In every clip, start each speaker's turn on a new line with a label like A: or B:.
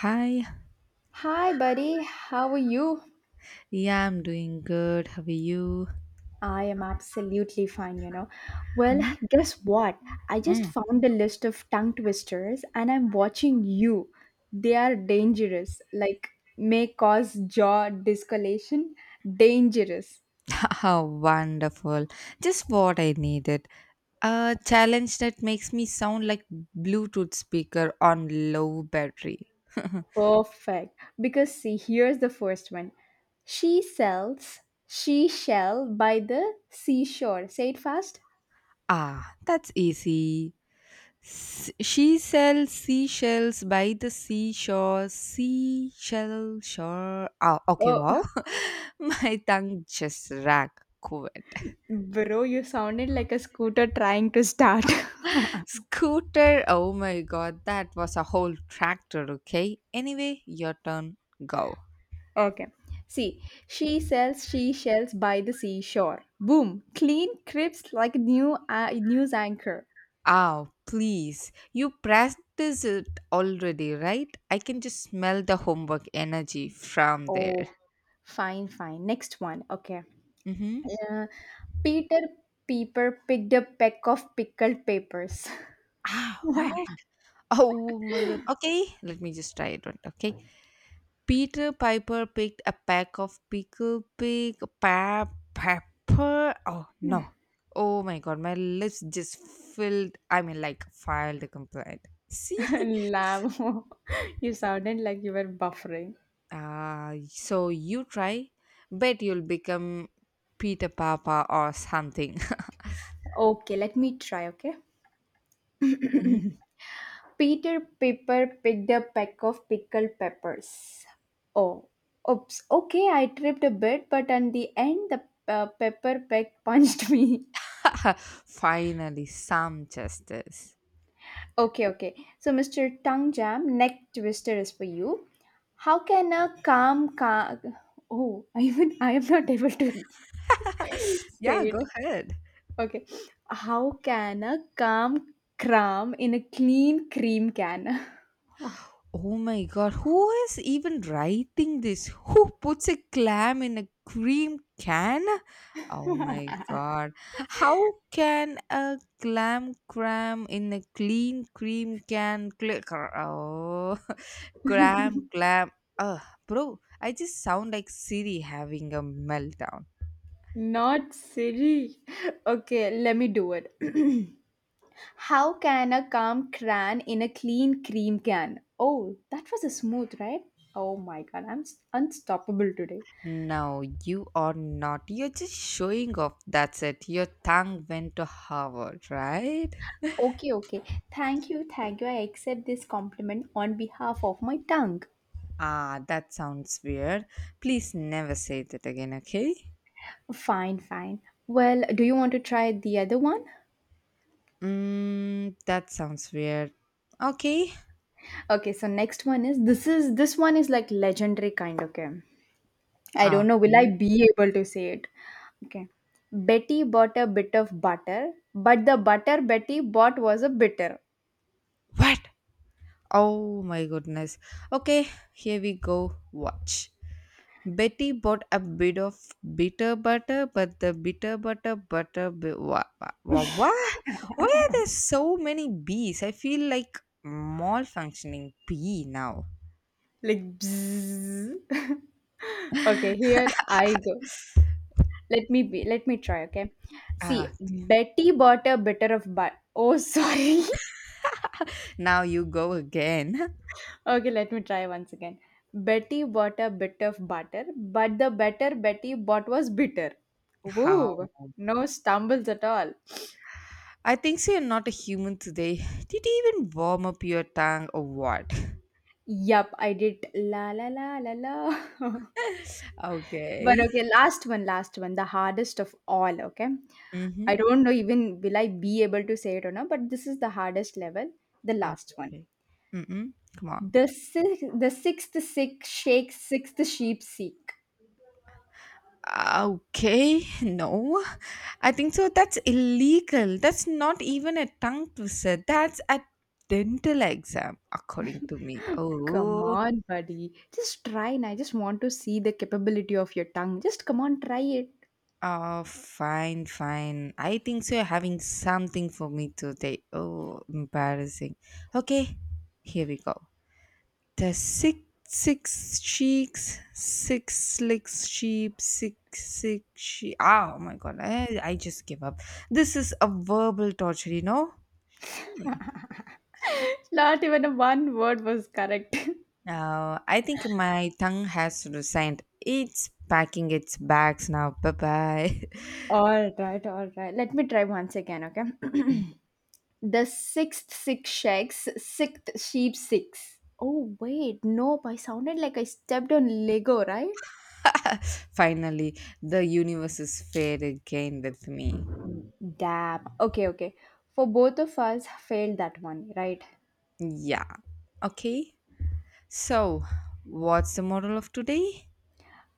A: Hi.
B: Hi, buddy. How are you?
A: Yeah, I'm doing good. How are you?
B: I am absolutely fine, you know. Well,
A: Hmm.
B: guess what? I just
A: Mm.
B: found a list of tongue twisters and I'm watching you. They are dangerous, like may cause jaw discolation. Dangerous.
A: How wonderful. Just what I needed. A challenge that makes me sound like Bluetooth speaker on low battery.
B: Perfect. Because, see, here's the first one. She sells, she shell by the seashore. Say it fast.
A: Ah, that's easy. She sells seashells by the seashore. Seashell shore. Ah, okay,
B: Oh,
A: wow. My tongue just rack.
B: bro, you sounded like a scooter trying to start.
A: Scooter, oh my god, that was a whole tractor, okay? Anyway, your turn, go.
B: Okay. See, she sells she shells by the seashore. Boom. Clean crisps like new news anchor.
A: Oh, please. You practiced it already, right? I can just smell the homework energy from there.
B: Oh, fine, fine. Next one. Okay.
A: Mm-hmm.
B: Uh, Peter Piper picked a peck of pickled papers.
A: Ah, what? Oh my god. Okay, let me just try it, one, okay? Peter Piper picked a pack of pickle pig pepper. Oh no. Oh my god, my lips just filled. I mean, like, filed a complaint. See?
B: Lamb. you sounded like you were buffering.
A: So you try. Bet you'll become Peter Papa or something.
B: Okay, let me try, okay?
A: Mhm.
B: Peter Piper picked a peck of pickled peppers. Oh, oops. Okay, I tripped a bit, but in the end, the pepper peck punched me.
A: Finally, some justice.
B: Okay, okay. So, Mr. Tongue Jam, neck twister is for you. How can a calm ca Oh, I even I am not able to say
A: Yeah, go
B: it.
A: ahead.
B: Okay. How can a calm cram in a clean cream can?
A: Oh my god, who is even writing this? Who puts a clam in a cream can? Oh my god. How can a clam cram in a clean cream can? Oh, cram, clam. Ugh, bro, I just sound like Siri having a meltdown.
B: Not silly. Okay, let me do it. How can a calm crayon in a clean cream can? Oh, that was a smooth, right? Oh my god, I'm unstoppable today.
A: No, you are not. You're just showing off. That's it. Your tongue went to Harvard, right?
B: Okay, okay. Thank you, thank you. I accept this compliment on behalf of my tongue.
A: Ah, that sounds weird. Please never say that again, okay?
B: Fine, fine. Well, do you want to try the other one?
A: That sounds weird. Okay.
B: Okay, so next one is this one is like legendary kind, okay? I don't know, will I
A: Okay.
B: be able to say it? Okay. Betty bought a bit of butter, but the butter Betty bought was a bitter.
A: What? Oh my goodness. Okay, here we go. Watch. Betty bought a bit of bitter butter, but the bitter butter. What? Wha Why are there so many bees? I feel like malfunctioning bee now.
B: Like bzzz. Okay, here I go. Let me try, okay?
A: Ah,
B: See, Betty bought a bitter of but oh sorry.
A: now you go again.
B: Okay, let me try once again. Betty bought a bit of butter, but the better Betty bought was bitter. Woo! No stumbles at all.
A: I think so you're not a human today. Did you even warm up your tongue or what?
B: Yup, I did la la la la la. But
A: Okay.
B: okay, last one, the hardest of all, okay? I
A: Mm-hmm.
B: don't know even will I be able to say it or not, but this is the hardest level, the last
A: Okay.
B: one.
A: Okay. Mm-mm. Come on.
B: The sixth sick shake, sixth sheep seek.
A: Okay. No. I think so. That's illegal. That's not even a tongue twister. That's a dental exam, according to me.
B: Come
A: Oh.
B: on, buddy. Just try and I just want to see the capability of your tongue. Just come on, try it.
A: Oh, fine, fine. I think so. You're having something for me today. Oh, embarrassing. Okay. Here we go. The six cheeks, six slick sheep, six sheep. Oh my god, I just give up. This is a verbal torture.
B: Not even a one word was correct.
A: I think my tongue has resigned. It's packing its bags now. Bye bye.
B: All right, all right. Let me try once again, okay? The sixth six shakes, sixth sheep six. Oh, wait, nope. I sounded like I stepped on Lego, right?
A: Finally, the universe is fair again with me.
B: Damn. Okay, okay. For both of us, failed that one, right?
A: Yeah. Okay. So, what's the moral of today?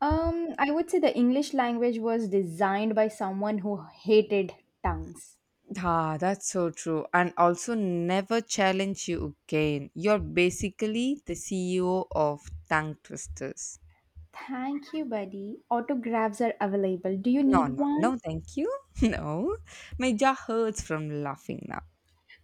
B: I would say the English language was designed by someone who hated tongues.
A: Ah, that's so true. And also, never challenge you again. You're basically the CEO of tongue twisters.
B: Thank you, buddy. Autographs are available. Do you
A: No,
B: need
A: no, no,
B: one?
A: thank you. No, my jaw hurts from laughing now.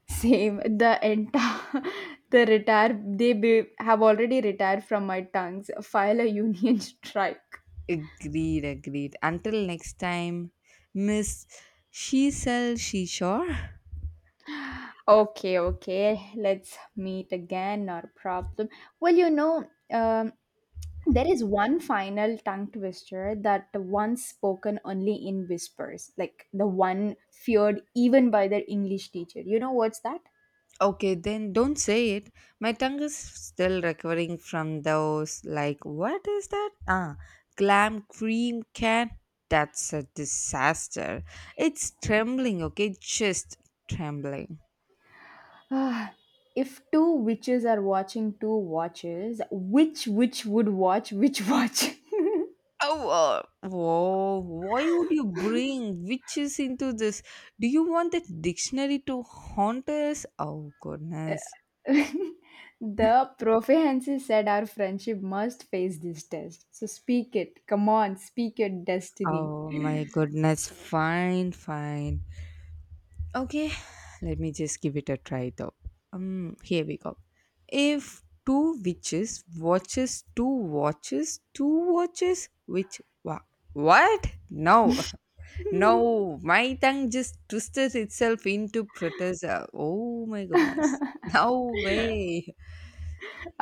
B: Same. The entire, the retire, they be, have already retired from my tongues. File a union strike.
A: Agreed, agreed. Until next time, Miss She Sell She Sure.
B: Okay, okay. Let's meet again. Not a problem. Well, there is one final tongue twister that once spoken only in whispers, like the one feared even by their English teacher. You know what's that?
A: Okay, then don't say it. My tongue is still recovering from those. Like, what is that? Ah, glam cream can. That's a disaster. It's trembling, okay? Just trembling.
B: Ah, if two witches are watching two watches, which witch would watch which watch?
A: Oh, whoa. Why would you bring witches into this? Do you want the dictionary to haunt us? Oh, goodness.
B: The prophensis said our friendship must face this test. So speak it. Come on, speak your destiny.
A: Oh, my goodness. Fine, fine. Okay, let me just give it a try though. Here we go. If two witches watches two watches which what no. No, my tongue just twisted itself into protest. Oh my goodness, no way.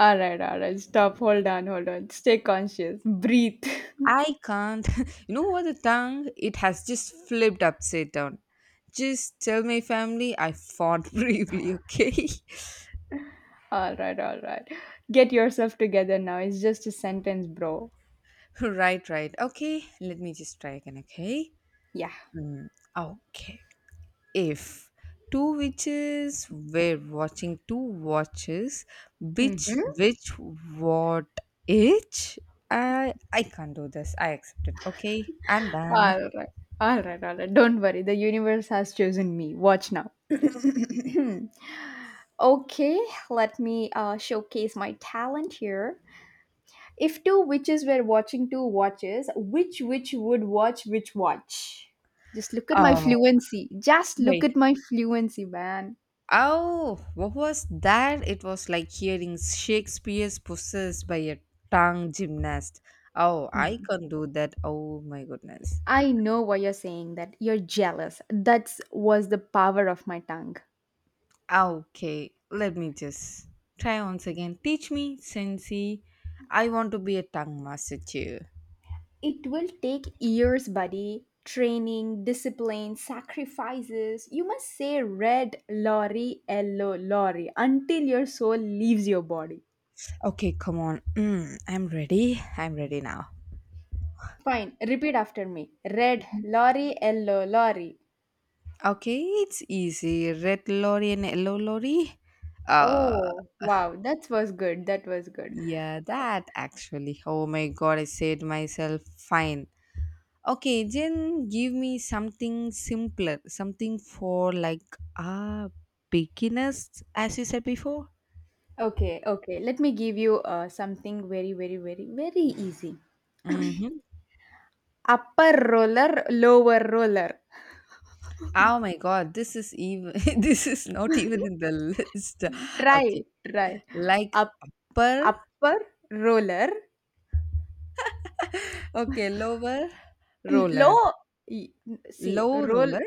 B: Alright, alright. Stop. Hold on, hold on. Stay conscious. Breathe.
A: I can't. You know what, the tongue, it has just flipped upside down. Just tell my family I fought bravely, okay?
B: Alright, alright. Get yourself together now. It's just a sentence, bro.
A: Right, right. Okay, let me just try again, okay?
B: Yeah.
A: Mm, okay. If two witches were watching two watches, which
B: Mm-hmm.
A: which what each? I can't do this. I accept it. Okay, I'm done.
B: Alright. Alright, alright. Don't worry. The universe has chosen me. Watch now. Okay, let me showcase my talent here. If two witches were watching two watches, which witch would watch which watch? Just look at my
A: Oh,
B: fluency. Just look
A: wait.
B: at my fluency, man.
A: Oh, what was that? It was like hearing Shakespeare's possessed by a tongue gymnast. Oh, I can't do that. Oh my goodness.
B: I know why you're saying that. You're jealous. That was the power of my tongue.
A: Ah, okay, let me just try once again. Teach me, Sensei. I want to be a tongue master too.
B: It will take years, buddy. Training, discipline, sacrifices. You must say red, lorry, yellow, lorry until your soul leaves your body.
A: Okay, come on. I'm ready. I'm ready now.
B: Fine, repeat after me. Red, lorry, yellow, lorry.
A: Okay, it's easy. Red lorry and yellow lorry. Uh,
B: Oh, wow, that was good. That was good.
A: yeah, that actually. Oh my god, I said myself. Fine. Okay, then give me something simpler. Something for like ah beginners, as you said before.
B: Okay, okay. Let me give you something very, very, very, very easy.
A: Mm-hmm.
B: Upper roller, lower roller.
A: Oh my god, this is even this is not even in the list.
B: Try,
A: Okay.
B: try.
A: Like
B: Up,
A: upper,
B: upper roller,
A: okay, lower roller.
B: low. y- See,
A: Low
B: roll.
A: roller.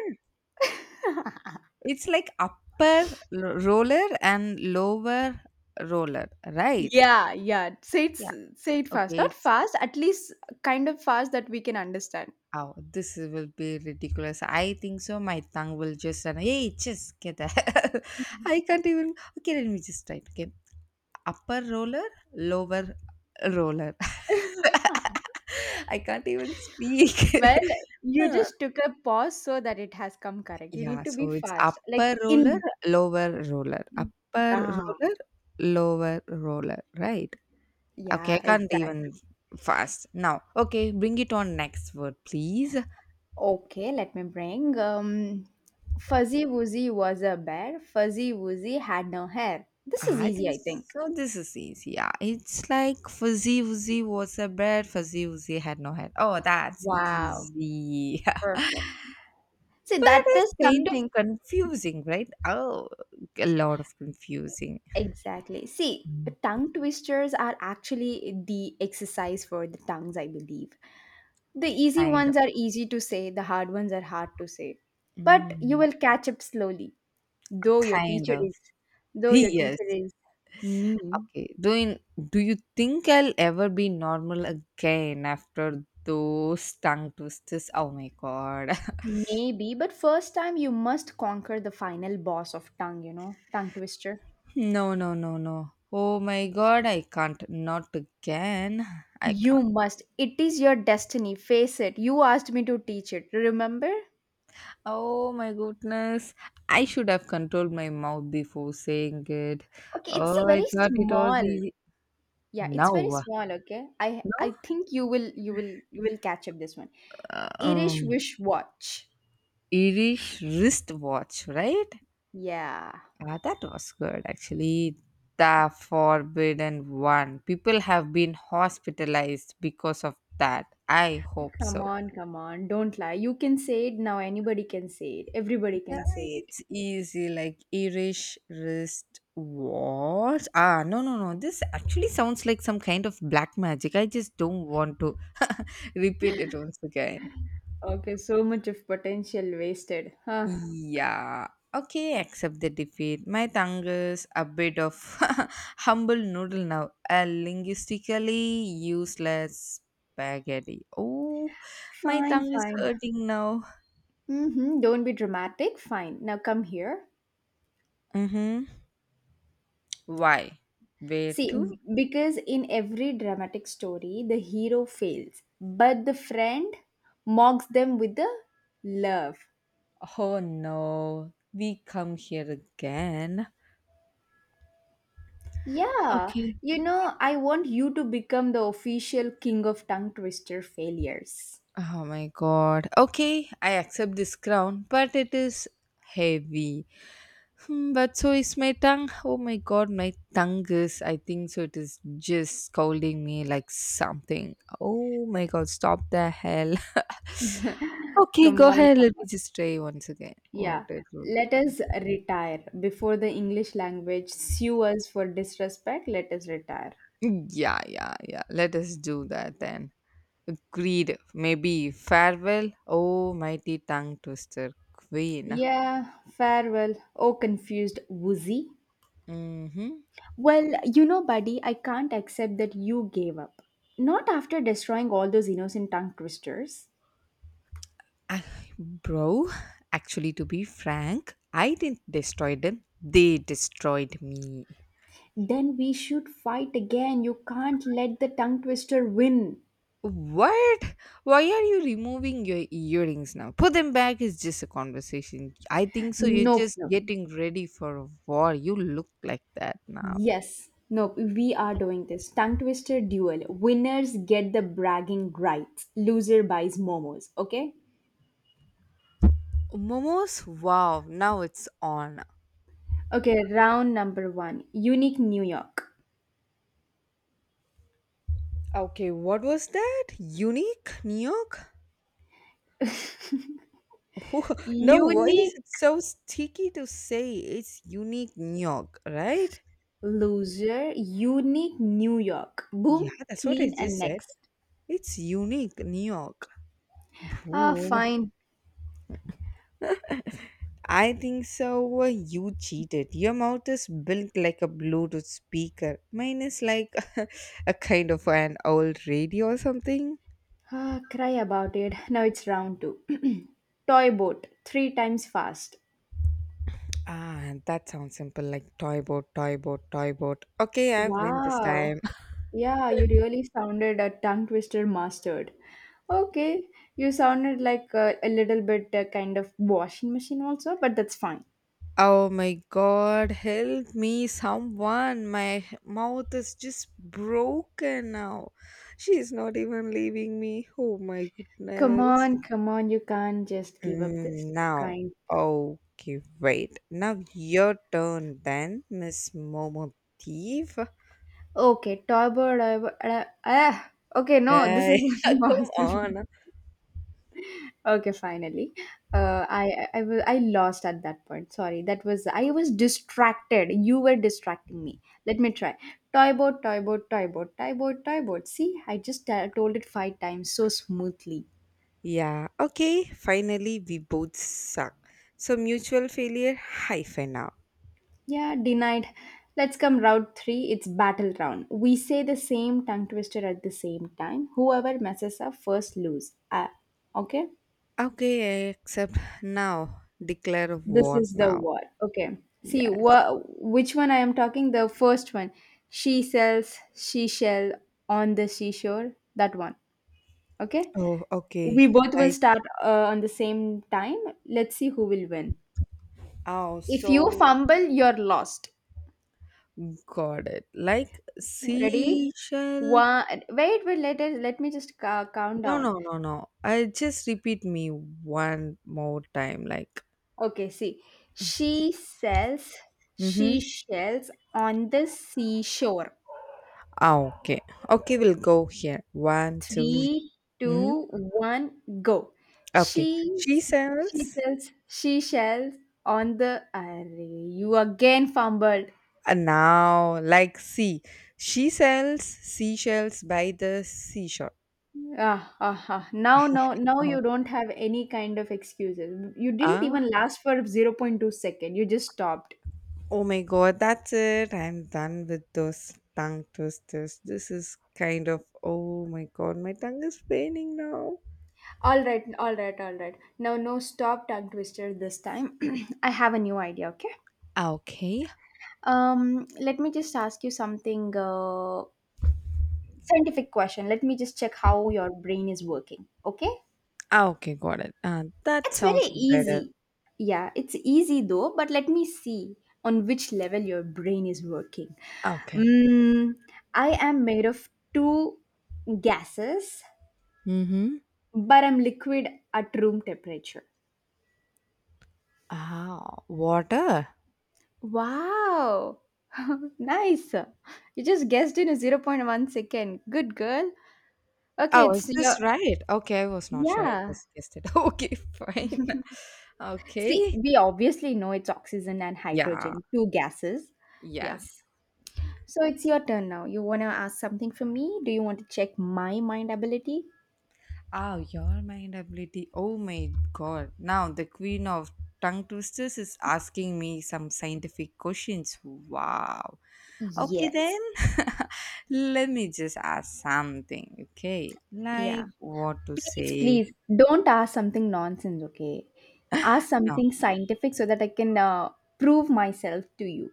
A: It's like upper roller and lower roller, right?
B: Yeah, yeah. Say it,
A: Yeah.
B: say it fast.
A: Okay,
B: Not
A: it's
B: fast, at least kind of fast that we can understand.
A: oh, this will be ridiculous. I think so. My tongue will just run. Hey, just get that. I can't even okay, let me just try it. Okay. Upper roller, lower roller. I can't even speak.
B: Well, you
A: Huh.
B: just took a pause so that it has come correct. You need
A: Yeah,
B: to be
A: so it's
B: fast. Like
A: upper roller,
B: in
A: lower roller, upper
B: ah,
A: roller, lower roller, right? Okay, I
B: yeah,
A: can't even
B: exactly.
A: fast now. Okay, bring it on next word, please.
B: Okay, let me bring. Fuzzy Wuzzy was a bear. Fuzzy Wuzzy had no hair. This is
A: I
B: easy,
A: think
B: I think.
A: so. This is easy. Yeah, it's like fuzzy wuzzy was a bird, fuzzy wuzzy had no head. Oh, that's
B: Wow,
A: easy.
B: perfect. See,
A: But
B: that
A: it's
B: is
A: kind of
B: something
A: confusing, right? Oh, a lot of confusing.
B: exactly. See,
A: Mm.
B: tongue twisters are actually the exercise for the tongues, I believe. The easy
A: Kind of.
B: ones are easy to say, the hard ones are hard to say. But you
A: Mm.
B: will catch up slowly, though your
A: Kind
B: teacher
A: of.
B: is, though your
A: Yes.
B: teacher is mean.
A: Okay. Do you think I'll ever be normal again after those tongue twisters? Oh my god.
B: Maybe, but first time you must conquer the final boss of tongue, tongue twister.
A: No, no, no, no. Oh my god, I can't. Not again. I
B: You
A: can't.
B: must. It is your destiny. Face it. You asked me to teach it. Remember?
A: Oh my goodness. I should have controlled my mouth before saying it.
B: Okay, it's a
A: Oh, I
B: very
A: thought it was
B: small.
A: easy.
B: Yeah, it's very
A: Now,
B: small, okay? I
A: no,
B: think you will catch up this one.
A: uh,
B: Irish
A: um,
B: wish watch.
A: Irish wristwatch, right?
B: Yeah.
A: Ah, that was good actually. The forbidden one. People have been hospitalized because of that. I hope
B: Come
A: so.
B: on, come on. Don't lie. You can say it now. Anybody can say it. Everybody
A: Yeah,
B: can say it.
A: it's easy, like Irish wrist watch. Ah, no, no, no. This actually sounds like some kind of black magic. I just don't want to repeat it once again.
B: Okay, so much of potential wasted. Huh.
A: Yeah. Okay, accept the defeat. My tongue is a bit of humble noodle now. A linguistically useless spaghetti. Oh, my
B: Fine,
A: tongue is
B: fine.
A: hurting now.
B: Mm-hmm. Don't be dramatic. Fine. Now come here.
A: Mm-hmm. Why? Where
B: See,
A: to?
B: because in every dramatic story, the hero fails, but the friend mocks them with the love.
A: Oh no, we come here again.
B: Yeah,
A: Okay.
B: I want you to become the official king of tongue twister failures.
A: Oh my god. Okay, I accept this crown, but it is heavy. But so is my tongue. Oh my god, my tongue is, I think so, it is just scolding me like something. Oh my god, stop the hell. Okay,
B: Come
A: go
B: on,
A: ahead.
B: come
A: Let
B: on.
A: me just try once again what
B: Yeah,
A: it will be.
B: let us retire before the English language sue us for disrespect. Let us retire.
A: Yeah, yeah, yeah. Let us do that then. Agreed. Maybe farewell. Oh, mighty tongue twister queen.
B: Yeah, farewell. Oh, confused woozy.
A: Mm-hmm.
B: Well, buddy, I can't accept that you gave up. Not after destroying all those innocent tongue twisters.
A: Ah, bro, actually, to be frank, I didn't destroy them. They destroyed me.
B: Then we should fight again. You can't let the tongue twister win.
A: What? Why are you removing your earrings now? Put them back is just a conversation. I think so. You're
B: Nope,
A: just
B: nope.
A: getting ready for a war. You look like that now.
B: Yes, nope. We are doing this. Tongue twister duel. Winners get the bragging rights. Loser buys momos. Okay?
A: Momos? Wow, now it's on.
B: Okay, round number one. Unique New York.
A: Okay, what was that? Unique? New York? No, why is
B: Unique
A: it so sticky to say it's unique New York, right?
B: loser. Unique New York.
A: Yeah,
B: Boom,
A: that's what I
B: clean, and
A: just said.
B: next.
A: It's unique, New York.
B: Ah,
A: Boom.
B: fine.
A: I think so. You cheated. Your mouth is built like a Bluetooth speaker. Mine is like a kind of an old radio or something.
B: Ah, cry about it. Now it's round two. Toy boat, three times fast.
A: Ah, that sounds simple like toy boat, toy boat, toy boat. Okay, I've win this
B: Wow.
A: time.
B: Yeah, you really sounded a tongue twister mastered. Okay, you sounded like a little bit kind of washing machine also, but that's fine.
A: Oh my god, help me, someone. My mouth is just broken now. She's not even leaving me. Oh my
B: Come
A: goodness.
B: on, come on, you can't just give up this
A: Now,
B: kind.
A: oh, okay, wait. Now your turn then, Miss Momo Thief.
B: Okay, toy boat. Okay, no, this
A: Hey,
B: is
A: come
B: impossible.
A: on.
B: Okay, finally. I lost at that point. Sorry, that was I was distracted. You were distracting me. Let me try. Toy boat, toy boat, toy boat, toy boat, toy boat. See, I just told it five times so smoothly.
A: Yeah, okay, finally we both suck. So mutual failure hyphen now.
B: Yeah, denied. Let's come round three. It's battle round. We say the same tongue twister at the same time. Whoever messes up first lose. Okay.
A: Okay, I accept now. Declare
B: This
A: war
B: is the
A: now.
B: what. Okay. See,
A: Yes.
B: which one I am talking? The first one. She sells she shell on the seashore. That one. Okay.
A: Oh, okay.
B: We both will
A: Like,
B: start on the same time. Let's see who will win.
A: oh,
B: If you
A: so
B: fumble, you're lost.
A: got it. Like
B: Ready?
A: seashell.
B: One. Wait, wait. Let me just count
A: No,
B: down.
A: no, no, no. I just repeat me one more time, like.
B: Okay. See, she sells
A: Mm-hmm.
B: she shells on the seashore.
A: Ah, okay. Okay, we'll go here. One, two.
B: Three,
A: Mm-hmm.
B: two, one, go.
A: Okay.
B: She
A: She
B: she
A: sells.
B: sells she shells on the array. You again fumbled.
A: And now, like, see, she sells seashells by the seashore.
B: Ah, ah, ah. Now, now, now
A: Uh-huh.
B: you don't have any kind of excuses. You didn't
A: Ah,
B: even last for 0.02 second. You just stopped.
A: oh my God, that's it. I'm done with those tongue twisters. This is kind of, oh my God, my tongue is paining now.
B: All right, all right, all right. Now, no stop tongue twister this time. I have a new idea, okay?
A: Ah, okay.
B: Let me just ask you something scientific question. Let me just check how your brain is working. Okay?
A: Ah, okay, got it. That
B: It's
A: sounds
B: very
A: better.
B: easy. Yeah, it's easy though, but let me see on which level your brain is working.
A: Okay.
B: Mm, I am made of two gases,
A: Mm-hmm.
B: but I'm liquid at room temperature.
A: Ah, water.
B: Wow! Nice. You just guessed in a 0.01 second. Good girl. Okay,
A: Oh, is
B: it's your.
A: this right? Okay, I was not sure. I
B: Yeah.
A: just guessed it. Okay, fine.
B: See,
A: Okay.
B: we obviously know it's oxygen and
A: Yeah.
B: hydrogen, two gases. Yeah.
A: Yes.
B: So it's your turn now. You want to ask something from me? Do you want to check my mind ability?
A: Oh, your mind ability. Oh my God. Now the queen of tongue twisters is asking me some scientific questions. Wow. Okay, then
B: Yes.
A: let me just ask something. Okay.
B: Yeah.
A: Like what to
B: Please,
A: say.
B: please don't ask something nonsense, okay? Ask
A: No.
B: something scientific so that I can prove myself to you.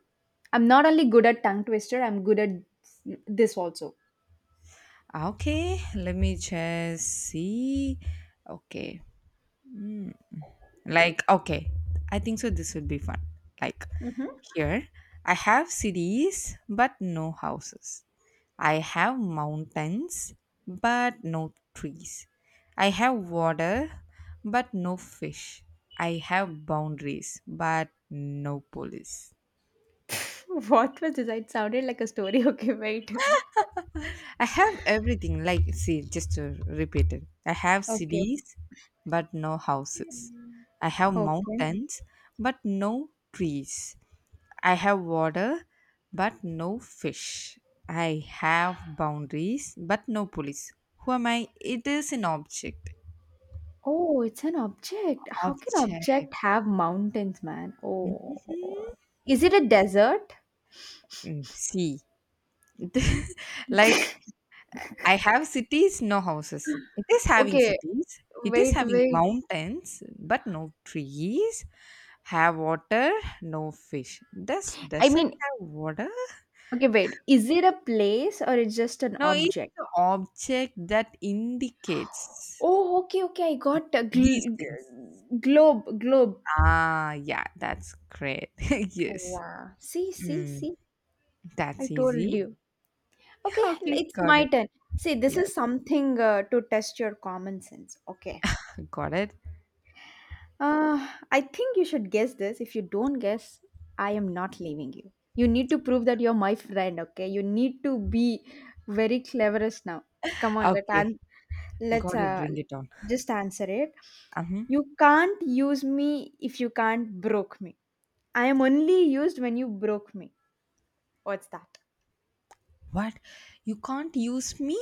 B: I'm not only good at tongue twister, I'm good at this also.
A: Ah, okay, let me just see. Okay, like, okay, I think so. This would be fun. Like,
B: Hmm.
A: here, I have cities, but no houses. I have mountains, but no trees. I have water, but no fish. I have boundaries, but no police.
B: What was this? It sounded like a story. Okay, wait.
A: I have everything. Like, see, just to repeat it. I have
B: Okay.
A: cities, but no houses. I have
B: Okay.
A: mountains, but no trees. I have water, but no fish. I have boundaries, but no police. Who am I? It is an object.
B: Oh, it's an object. How can
A: Object.
B: object have mountains, man? Oh. Is it a desert?
A: Hmm. See, like I have cities, no houses. It is having
B: Okay,
A: cities. It is
B: wait,
A: having
B: wait.
A: mountains, but no trees. Have water, no fish. Does
B: I
A: desert
B: mean,
A: have water?
B: okay, wait. Is it a place or it's just an
A: No, it's
B: object?
A: the object that indicates
B: Oh, okay, okay. I got a
A: these things.
B: globe, globe.
A: Ah, yeah, that's great. Yes.
B: Wow. See, see,
A: Hmm,
B: see. I
A: that's
B: told
A: easy.
B: you. Okay,
A: Okay,
B: it's
A: got
B: my
A: it.
B: turn. See, this
A: Yes,
B: is something to test your common sense. Okay.
A: got it.
B: Uh, I think you should guess this. If you don't guess, I am not leaving you. You need to prove that you're my friend, okay? You need to be very cleverest now. Come on,
A: Okay,
B: let's
A: got it.
B: uh,
A: Bring it on.
B: just answer it.
A: Uh-huh.
B: You can't use me if you can't broke me. I am only used when you broke me. What's that?
A: What? You can't use me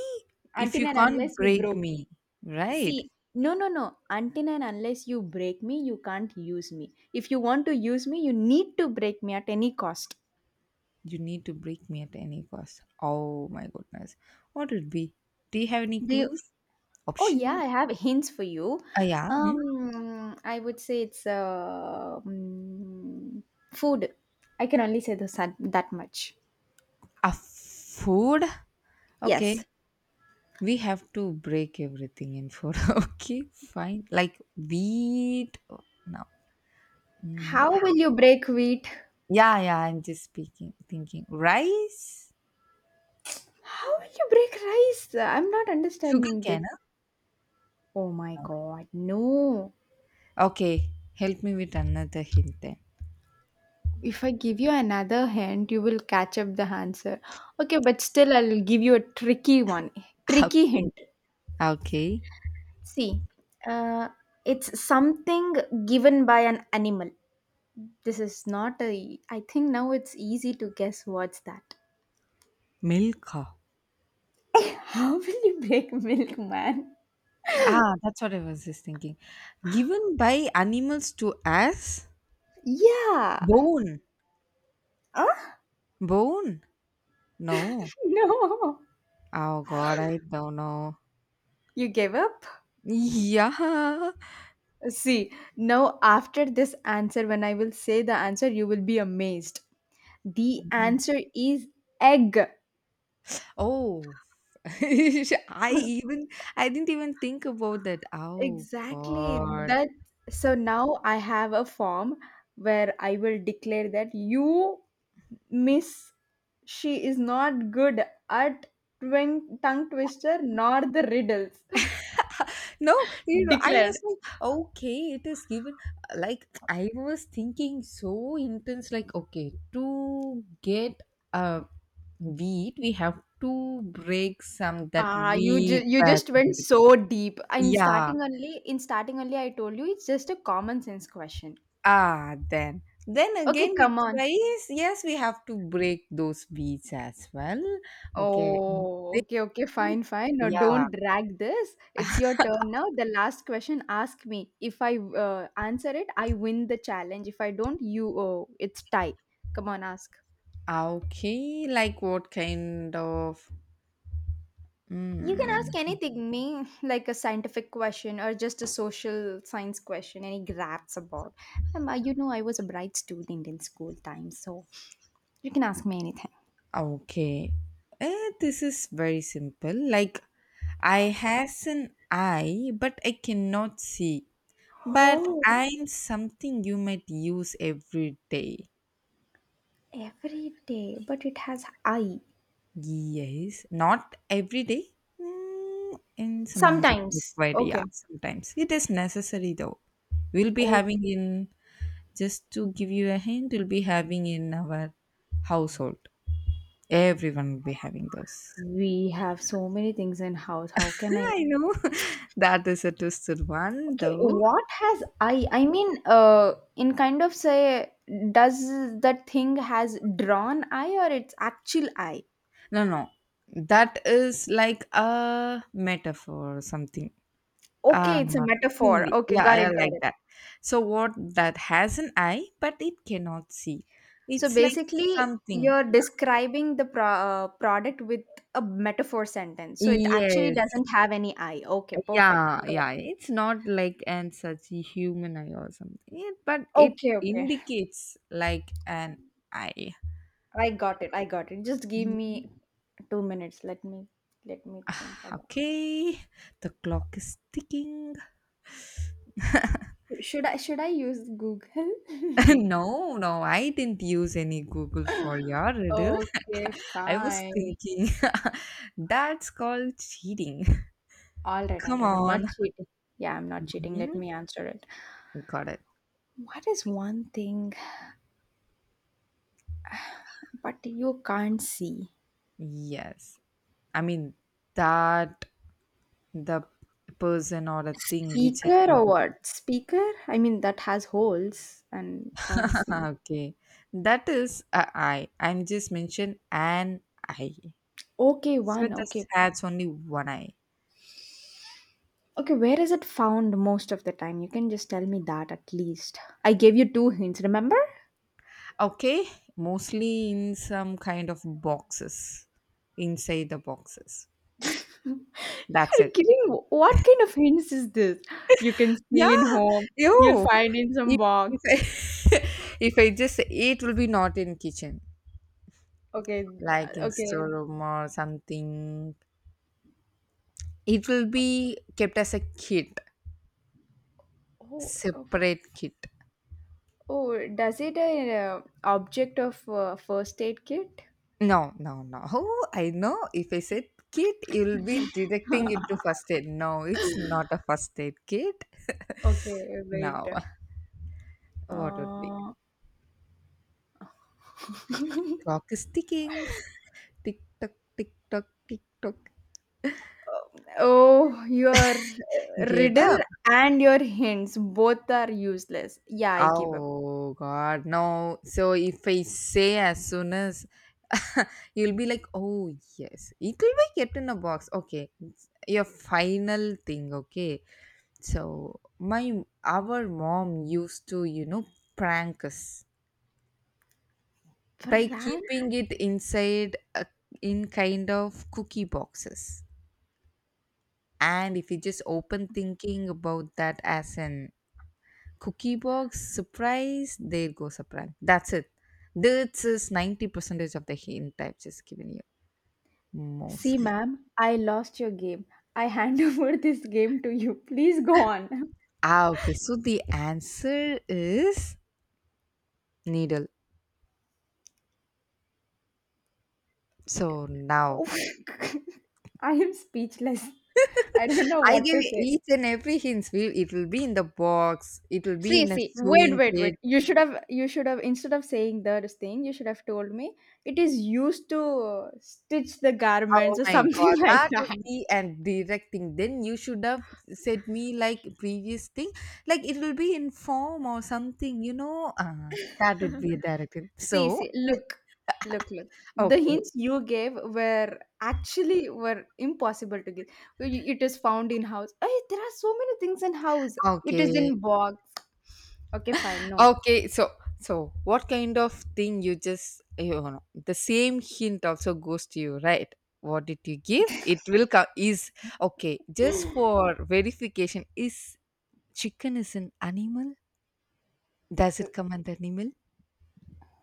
A: if
B: Until
A: you
B: and
A: can't
B: unless you
A: break
B: broke me.
A: me, right?
B: See, no. Until and unless you break me, you can't use me. If you want to use me, you need to break me at any cost.
A: You need to break me at any cost. Oh my goodness. What would be? Do you have any
B: They,
A: clues?
B: oh yeah,
A: Option?
B: I have hints for you.
A: Yeah. Hmm?
B: I would say it's food. I can only say this that much.
A: A food? Okay.
B: Yes.
A: We have to break everything in food. Okay, fine. Like wheat. Oh, no. Mm.
B: How will you break wheat?
A: Yeah, yeah. I'm just speaking, thinking. Rice?
B: How will you break rice? I'm not
A: Sugar
B: understanding this.
A: cane? Huh?
B: Oh my
A: No.
B: god, no.
A: Okay. Help me with another hint then.
B: If I give you another hint, you will catch up the answer. Okay, but still, I'll give you a tricky one. Tricky
A: Okay.
B: hint.
A: Okay.
B: See, uh, it's something given by an animal. This is not a. I think now it's easy to guess what's that.
A: Milk.
B: How will you break milk, man?
A: Ah, that's what I was just thinking. Given by animals to us?
B: Yeah.
A: Bone.
B: Huh?
A: Bone? No.
B: No.
A: Oh god, I don't know.
B: You gave up?
A: Yeah.
B: See, now after this answer, when I will say the answer, you will be amazed. The
A: Mm.
B: answer is egg.
A: Oh. I even I didn't even think about that. Oh
B: Exactly.
A: god.
B: That so now I have a form where I will declare that you Miss, she is not good at tongue twister nor the riddles.
A: No, I
B: Declared.
A: was like, okay, it is given, like I was thinking so intense, like okay, to get a wheat, we have to break some that
B: Ah,
A: wheat
B: you just went
A: basmati.
B: so deep.
A: Yeah.
B: In starting only, I told you it's just a common sense question.
A: Ah, then. Then
B: Okay,
A: again with
B: come on.
A: rice, yes, we have to break those wheats as well. Okay.
B: Oh,
A: Mhm.
B: fine. No,
A: Yeah.
B: don't drag this. It's your turn now. The last question, ask me. If I answer it, I win the challenge. If I don't, you, oh, it's tie. Come on, ask.
A: Ah, okay. Like what kind of?
B: You can
A: Mm,
B: ask anything, me like a scientific question or just a social science question, any graphs about. You know, I was a bright student in school time, so you can ask me anything.
A: okay. This is very simple. Like I has an eye, but I cannot see. But
B: Oh,
A: I'm something you might use every day.
B: every day, but it has I.
A: Yes, not every day. In some amount of
B: Sometimes.
A: required, yeah,
B: Okay.
A: sometimes it is necessary though. We'll be
B: Oh,
A: having in just to give you a hint, we'll be having in our household. Everyone will be having those.
B: we have so many things in house. How can I?
A: I know, that is a twisted one
B: Okay,
A: though.
B: what has I? I mean, in kind of say, does that thing has drawn I or it's actual I?
A: No, no, that is like a metaphor or something.
B: Okay, it's a
A: Not the
B: metaphor.
A: seemingly.
B: Okay,
A: Yeah, I
B: got
A: like
B: it.
A: that. So what that has an eye but it cannot see.
B: So
A: It's like
B: basically,
A: something.
B: you're describing the product with a metaphor sentence. So it actually
A: Yes.
B: doesn't have any I. Okay, perfect.
A: Yeah,
B: Got it.
A: yeah. It's not like an such a human eye or something. But it
B: Okay.
A: indicates like an eye.
B: I got it. Just give
A: Mhm.
B: me 2 minutes. Let me think
A: Ah,
B: about.
A: okay, the clock is ticking.
B: Should I use Google?
A: No, no, I didn't use any Google for your riddle.
B: Okay,
A: I was
B: fine.
A: thinking, that's called cheating.
B: All
A: Come
B: right. I'm
A: on.
B: not cheating. Yeah, I'm not cheating. Let
A: Mhm.
B: me answer it.
A: Got it.
B: What is one thing but you can't see?
A: Yes. I mean that the person or a thing which I'm
B: Speaker or
A: in.
B: what? Speaker? I mean, that has holes and can't see.
A: Okay. That is a I. I'm just mentioned an I.
B: Okay,
A: So
B: one.
A: it just
B: Okay.
A: has only one eye.
B: Okay, where is it found most of the time? You can just tell me that at least. I gave you two hints, remember?
A: Okay. Mostly in some kind of boxes. Inside the boxes. That's
B: You're
A: it.
B: kidding. What kind of hints is this? You can
A: Yeah.
B: see in home. You'll
A: Ew.
B: find in some
A: If
B: box.
A: if I, if I just say it will be not in kitchen, like in
B: Okay.
A: storeroom or something. It will be kept as a kit,
B: Oh, oh,
A: separate kit.
B: oh, does it a object of first aid kit?
A: No, no, no. Oh, I know. If I said kit, you'll be directing it to first aid. No, it's not a first aid kit.
B: Okay, wait.
A: Now, what would be?
B: Uh,
A: Clock is ticking. Tick tock, tick tock, tick tock.
B: Oh, your
A: Gave
B: riddle
A: up.
B: and your hints both are useless. Yeah, I give up.
A: Oh God, no. So if I say as soon as, you'll be like, oh yes, it will be kept in a box. Okay, it's your final thing. Okay, so my our mom used to prank us by
B: Fran,
A: keeping it inside in kind of cookie boxes. And if you just open thinking about that as an cookie box, surprise, there goes a surprise. That's it. This is 90 percentage of the hint I've just given you,
B: see,
A: mostly.
B: ma'am, I lost your game. I hand over this game to you. Please go on.
A: Ah, okay, so the answer is needle. So
B: Oh,
A: now
B: I am speechless. I don't know
A: I
B: what
A: give
B: to
A: you
B: say.
A: each and every hint. We It will be in the box, it will be
B: See,
A: in a
B: see,
A: sewing
B: wait.
A: kit.
B: You should have, instead of saying the thing, you should have told me it is used to stitch the garments
A: Oh
B: or
A: my
B: something
A: god,
B: like
A: that
B: that.
A: would be, and directing then you should have said me like previous thing, like it will be in form or something, that would be a directive,
B: See,
A: so.
B: see, look. The
A: Okay,
B: hints you gave were actually were impossible to give. Y- It is found in house. Hey, there are so many things in house. It is
A: okay,
B: in box. Okay, fine. No.
A: okay. So what kind of thing you just the same hint also goes to you, right? What did you give? It will come. Is okay. Just for verification, is chicken is an animal? Does it come under animal?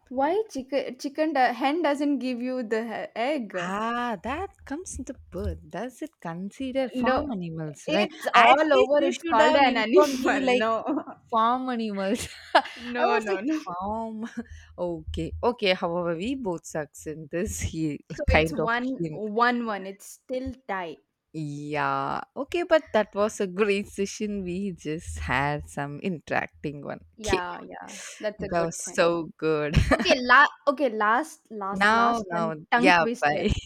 B: Why chicken? Hen doesn't give you the egg.
A: Ah, that comes into bird. Does it consider
B: No,
A: farm animals, right?
B: it's
A: At
B: all
A: least
B: over.
A: you
B: It's
A: should
B: called
A: have
B: an
A: informed me
B: animal.
A: like
B: No,
A: farm animals. I
B: no,
A: was
B: no,
A: like
B: no.
A: farm. Okay, okay. However, we both sucks in this he
B: So it's
A: kind of hint.
B: one. It's still tight.
A: Yeah. Okay, but that was a great session. We just had some interacting one. Okay.
B: Yeah, yeah. That's a
A: That was
B: good thing.
A: so good.
B: Okay,
A: Now,
B: last time
A: now,
B: tongue
A: yeah,
B: twister.
A: bye.